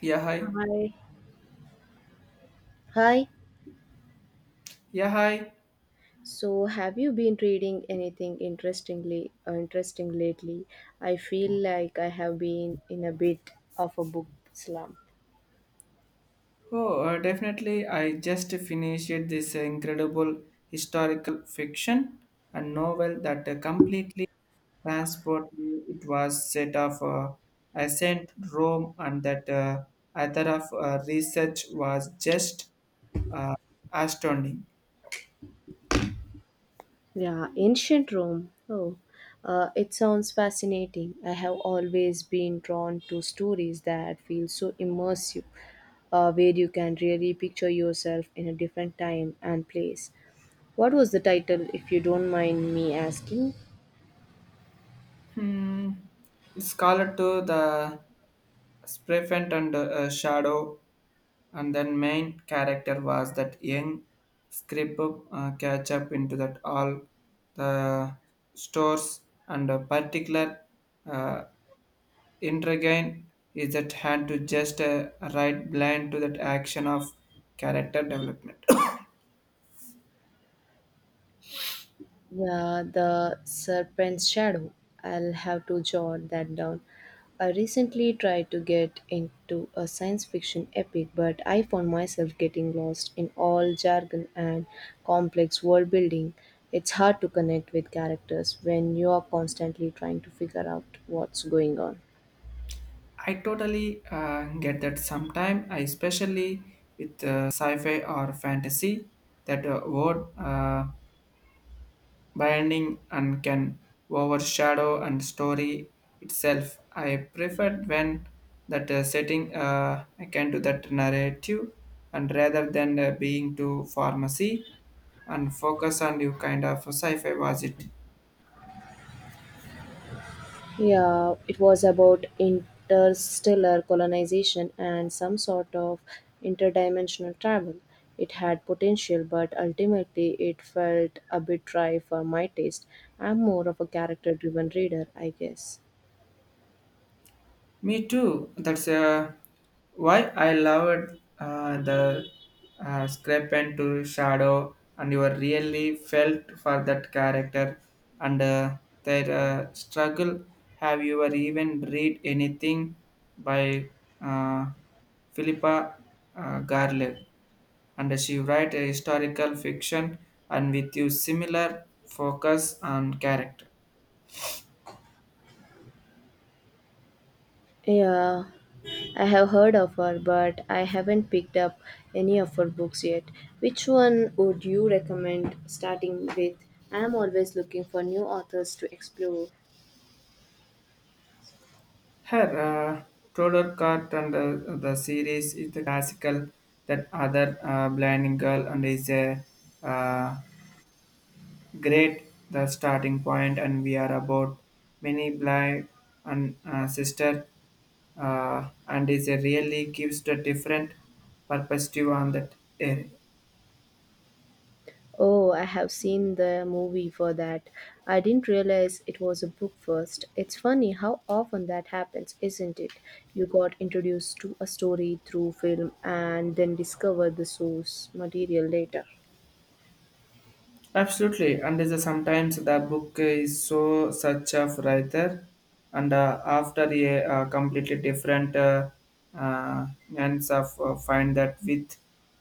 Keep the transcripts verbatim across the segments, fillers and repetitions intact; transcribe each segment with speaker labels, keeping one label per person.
Speaker 1: Yeah, hi.
Speaker 2: Hi. Hi.
Speaker 1: Yeah, hi.
Speaker 2: So, have you been reading anything interestingly uh, interesting lately? I feel like I have been in a bit of a book slump.
Speaker 1: Oh, uh, definitely. I just finished this incredible historical fiction and novel that uh, completely transported me. It was set of uh, ancient Rome, and that uh, author of uh, research was just uh, astounding.
Speaker 2: Yeah, ancient Rome. Oh, uh, it sounds fascinating. I have always been drawn to stories that feel so immersive, uh, where you can really picture yourself in a different time and place. What was the title, if you don't mind me asking?
Speaker 1: Hmm. It's called to the Sprefent and uh, Shadow, and then main character was that young script uh, catch up into that all the stores and a particular uh, intriguing is that had to just uh, right blind to that action of character development.
Speaker 2: Yeah, the serpent's shadow. I'll have to jot that down. I recently tried to get into a science fiction epic, but I found myself getting lost in all jargon and complex world building. It's hard to connect with characters when you are constantly trying to figure out what's going on.
Speaker 1: I totally uh, get that sometime, I especially with uh, sci-fi or fantasy, that uh, word uh, binding and can overshadow and story itself. I prefer when that uh, setting uh, I can do that narrative and rather than uh, being to pharmacy and focus on you kind of sci-fi was it.
Speaker 2: Yeah, it was about interstellar colonization and some sort of interdimensional travel. It had potential, but ultimately it felt a bit dry for my taste. I'm more of a character driven reader, I guess.
Speaker 1: Me too. That's uh, why I loved uh, the uh, scrap pen to shadow, and you really felt for that character and uh, their uh, struggle. Have you ever even read anything by uh, Philippa uh, Garlick? And she write a historical fiction and with you similar focus on character.
Speaker 2: Yeah, I have heard of her, but I haven't picked up any of her books yet. Which one would you recommend starting with? I am always looking for new authors to explore.
Speaker 1: Her uh, Tudor Cart and uh, the series is the classical that other uh, blinding girl and is a uh, great the starting point and we are about many blind and uh, sister uh, and is a really gives the different perspective on that area.
Speaker 2: Oh, I have seen the movie for that. I didn't realize it was a book first. It's funny how often that happens, isn't it? You got introduced to a story through film and then discover the source material later.
Speaker 1: Absolutely, and is a- sometimes the book is so such a writer, and uh, after a uh, completely different uh, uh, ends of uh, find that with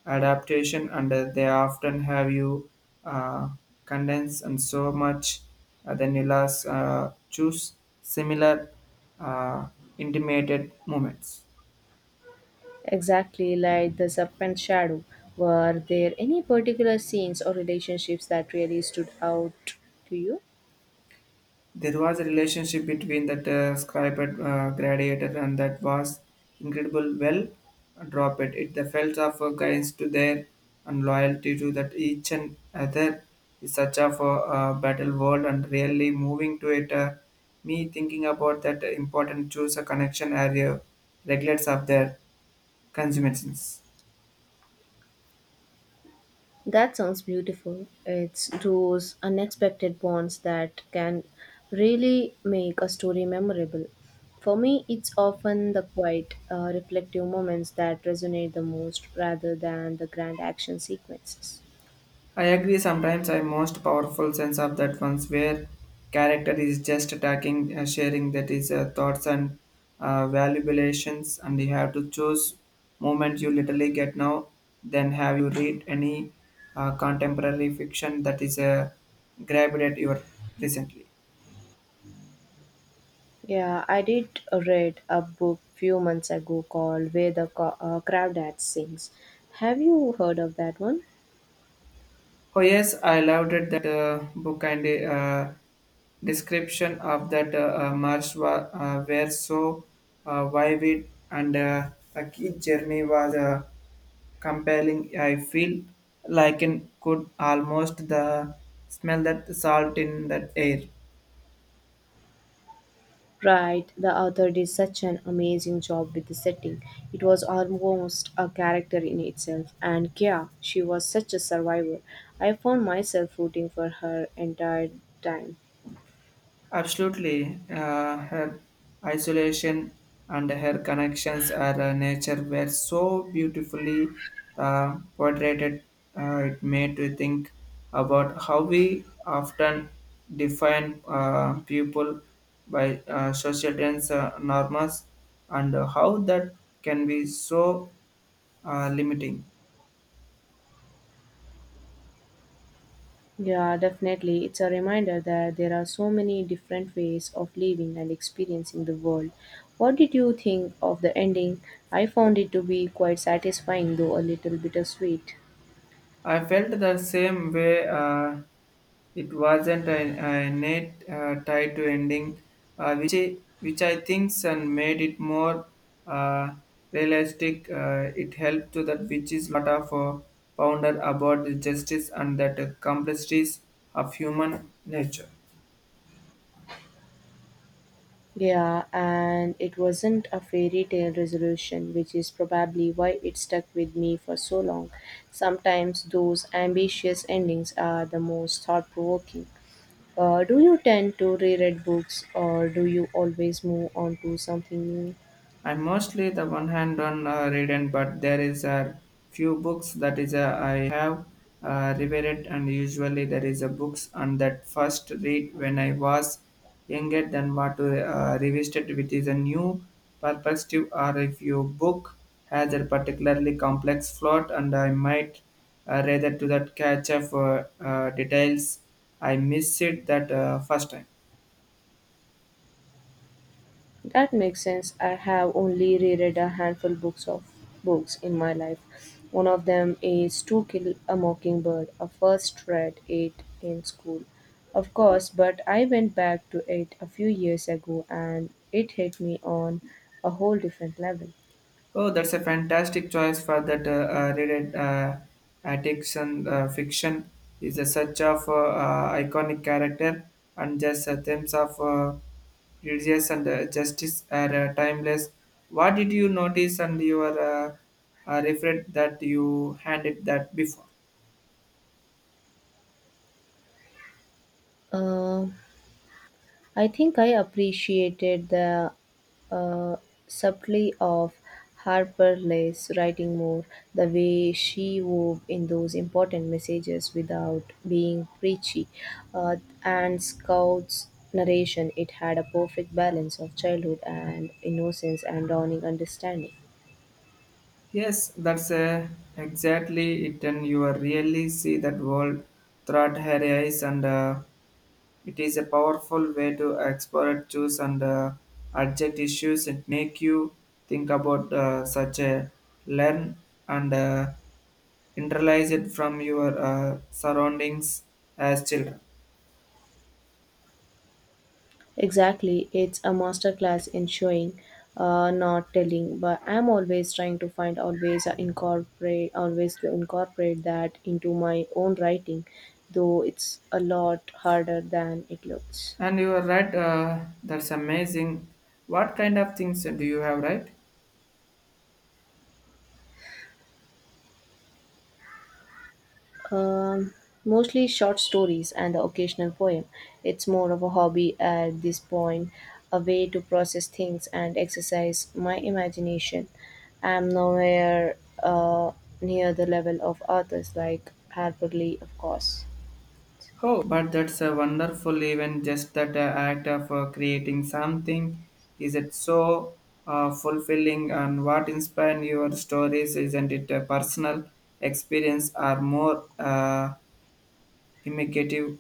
Speaker 1: adaptation, and uh, they often have you uh, condense and so much, uh, then you last uh, choose similar uh, intimated moments.
Speaker 2: Exactly like the serpent shadow. Were there any particular scenes or relationships that really stood out to you?
Speaker 1: There was a relationship between that uh, scribe and uh, gladiator, and that was incredible. Well, drop it. It the felt of uh, guidance to their and loyalty to that each and other is such of a uh, battle world and really moving to it. Uh, me thinking about that important choose a connection area regulates of their consumations.
Speaker 2: That sounds beautiful. It's those unexpected bonds that can really make a story memorable. For me, it's often the quiet, uh, reflective moments that resonate the most rather than the grand action sequences.
Speaker 1: I agree sometimes I most powerful sense of that ones where character is just attacking uh, sharing that is uh, thoughts and uh, valuations and you have to choose moment you literally get now then have you read any uh, contemporary fiction that is uh, grabbed at your recently.
Speaker 2: Yeah, I did read a book few months ago called Where the Co- uh, Crowd Sings. Have you heard of that one?
Speaker 1: Oh yes, I loved it, that uh, book and the uh, description of that uh, uh, march wa- uh, were so uh, vivid and uh, a key journey was uh, compelling. I feel like it could almost the smell that salt in that air.
Speaker 2: Right, the author did such an amazing job with the setting. It was almost a character in itself. And Kia, she was such a survivor. I found myself rooting for her entire time.
Speaker 1: Absolutely. Uh, her isolation and her connections are uh, nature were so beautifully uh, portrayed. Uh, it made me think about how we often define uh, people by uh, social trends, uh, norms, and how that can be so uh, limiting.
Speaker 2: Yeah, definitely. It's a reminder that there are so many different ways of living and experiencing the world. What did you think of the ending? I found it to be quite satisfying, though a little bittersweet.
Speaker 1: I felt the same way. Uh, It wasn't an innate uh, tie to ending, uh, which, I- which I think and made it more uh, realistic. Uh, it helped to that which is lot of uh, ponder about the justice and that uh, complexities of human nature.
Speaker 2: Yeah, and it wasn't a fairy tale resolution, which is probably why it stuck with me for so long. Sometimes those ambitious endings are the most thought provoking. Uh, do you tend to reread books or do you always move on to something new?
Speaker 1: I'm mostly the one-hand on uh, reading, but there is a few books that is uh, I have uh, revered, and usually there is a books on that first read when I was younger than what to uh, revisit with is a new perspective, or if your book has a particularly complex plot, and I might uh, rather to that catch up uh, uh, details I miss it that uh, first time.
Speaker 2: That makes sense. I have only reread a handful books of books in my life. One of them is To Kill a Mockingbird. I first read it in school, of course, but I went back to it a few years ago and it hit me on a whole different level.
Speaker 1: Oh, that's a fantastic choice for that uh, uh, read uh, addiction uh, fiction is a such of uh, uh, iconic character and just uh, themes of uh, religious and uh, justice are uh, timeless. What did you notice and your uh, uh, referred that you handed that before?
Speaker 2: Uh, I think I appreciated the uh, subtlety of Harper Lee's writing more, the way she wove in those important messages without being preachy, uh, and Scout's narration. It had a perfect balance of childhood and innocence and dawning understanding.
Speaker 1: Yes, that's uh, exactly it, and you are really see that world throughout her eyes and. Uh, It is a powerful way to explore, choose, and uh, adject issues and make you think about uh, such a learn and uh, internalize it from your uh, surroundings as children.
Speaker 2: Exactly, it's a masterclass in showing, uh, not telling. But I'm always trying to find always uh, incorporate always to incorporate that.
Speaker 1: And you are right, uh, that's amazing. What kind of things do you have, right?
Speaker 2: Um, Mostly short stories and the occasional poem. It's more of a hobby at this point, a way to process things and exercise my imagination. I'm nowhere uh, near the level of authors like Harper Lee, of course.
Speaker 1: Oh, but that's a wonderful event. Just that uh, act of uh, creating something is it so uh, fulfilling? And what inspired your stories? Isn't it a personal experience or more uh, imitative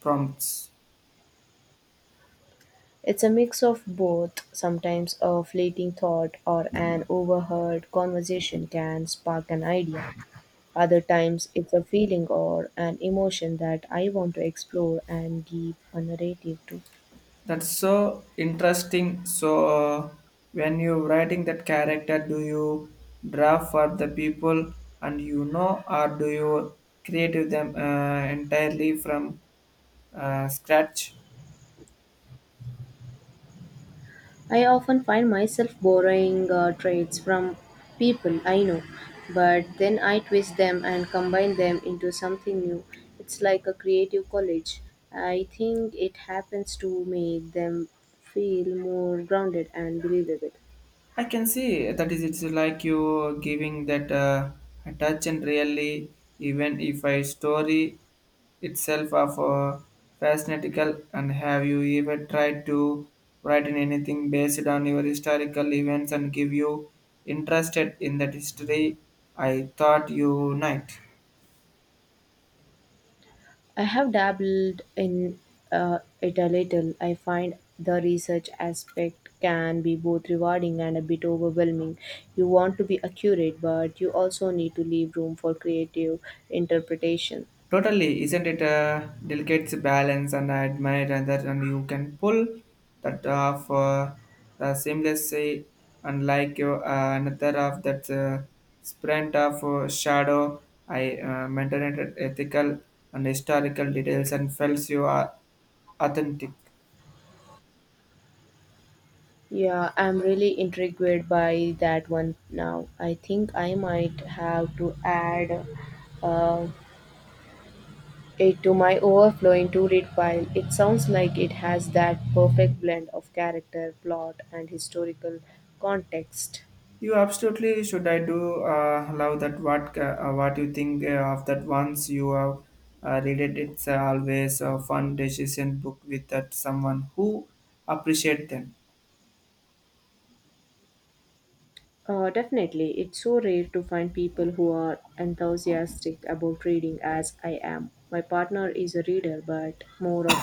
Speaker 1: prompts?
Speaker 2: It's a mix of both. Sometimes a fleeting thought or an overheard conversation can spark an idea. Other times, it's a feeling or an emotion that I want to explore and give a narrative to.
Speaker 1: That's so interesting. So, uh, when you writing that character, do you draw for the people and you know, or do you create them uh, entirely from uh, scratch?
Speaker 2: I often find myself borrowing uh, traits from people I know, but then I twist them and combine them into something new. It's like a creative college. I think it happens to make them feel more grounded and believable.
Speaker 1: I can see that is it's like you giving that uh, a touch and really even if a story itself of a fascinatical and have you ever tried to write in anything based on your historical events and give you interested in that history I thought you might.
Speaker 2: I have dabbled in uh, it a little. I find the research aspect can be both rewarding and a bit overwhelming. You want to be accurate, but you also need to leave room for creative interpretation.
Speaker 1: Totally, isn't it a delicate balance? And I admire that, and you can pull that off uh, the seamless unlike your uh, another of that uh, sprint of uh, shadow. I uh, maintained ethical and historical details and felt you are authentic.
Speaker 2: Yeah, I'm really intrigued by that one now. I think I might have to add uh, it to my overflowing to read pile. It sounds like it has that perfect blend of character, plot, and historical context.
Speaker 1: You absolutely should. I do uh, love that. What uh, what you think uh, of that? Once you have uh, read it, it's uh, always a fun decision book with that someone who appreciate them.
Speaker 2: Uh, definitely, it's so rare to find people who are enthusiastic about reading as I am. My partner is a reader, but more of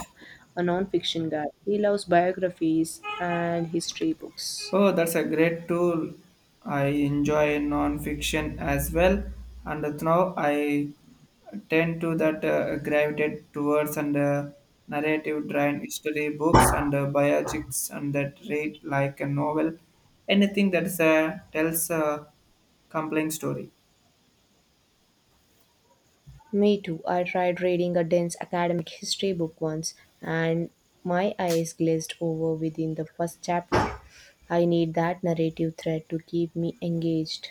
Speaker 2: a non-fiction guy. He loves biographies and history books.
Speaker 1: Oh, that's a great tool. I enjoy non-fiction as well, and now I tend to that uh, gravitate towards and uh, narrative-driven history books and uh, biopics and that read like a novel, anything that is, uh, tells a compelling story.
Speaker 2: Me too. I tried reading a dense academic history book once and my eyes glazed over within the first chapter. I need that narrative thread to keep me engaged.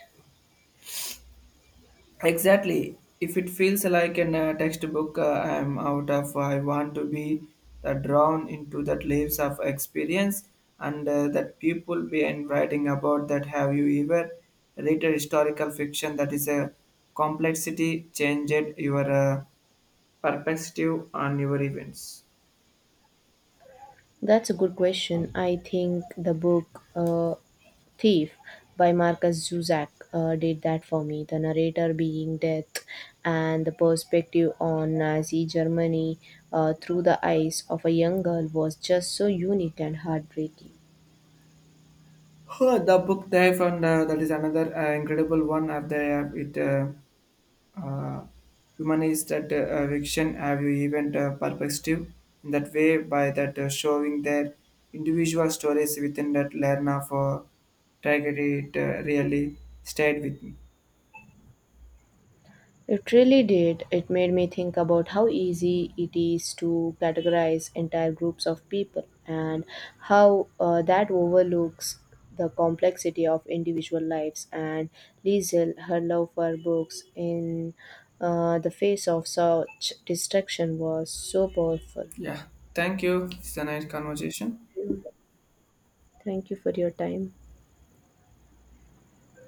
Speaker 1: Exactly. If it feels like an uh, textbook, uh, I am out of. I want to be uh, drawn into that leaves of experience and uh, that people be in writing about that. Have you ever read a historical fiction that is a complexity changed your uh, perspective on your events?
Speaker 2: That's a good question. I think the book uh, Thief by Marcus Zuzak uh, did that for me. The narrator being death and the perspective on Nazi Germany uh, through the eyes of a young girl was just so unique and heartbreaking.
Speaker 1: Huh, the book dive and uh, that is another uh, incredible one. Of the uh, it. Uh, uh, humanize that uh, fiction have you even uh, perspective in that way by that uh, showing their individual stories within that Lerna for tragedy it uh, really stayed with me.
Speaker 2: It really did. It made me think about how easy it is to categorize entire groups of people and how uh, that overlooks the complexity of individual lives. And Liesel, her love for books in uh, the face of such destruction was so powerful.
Speaker 1: Yeah, thank you. It's a nice conversation.
Speaker 2: Thank you for your time.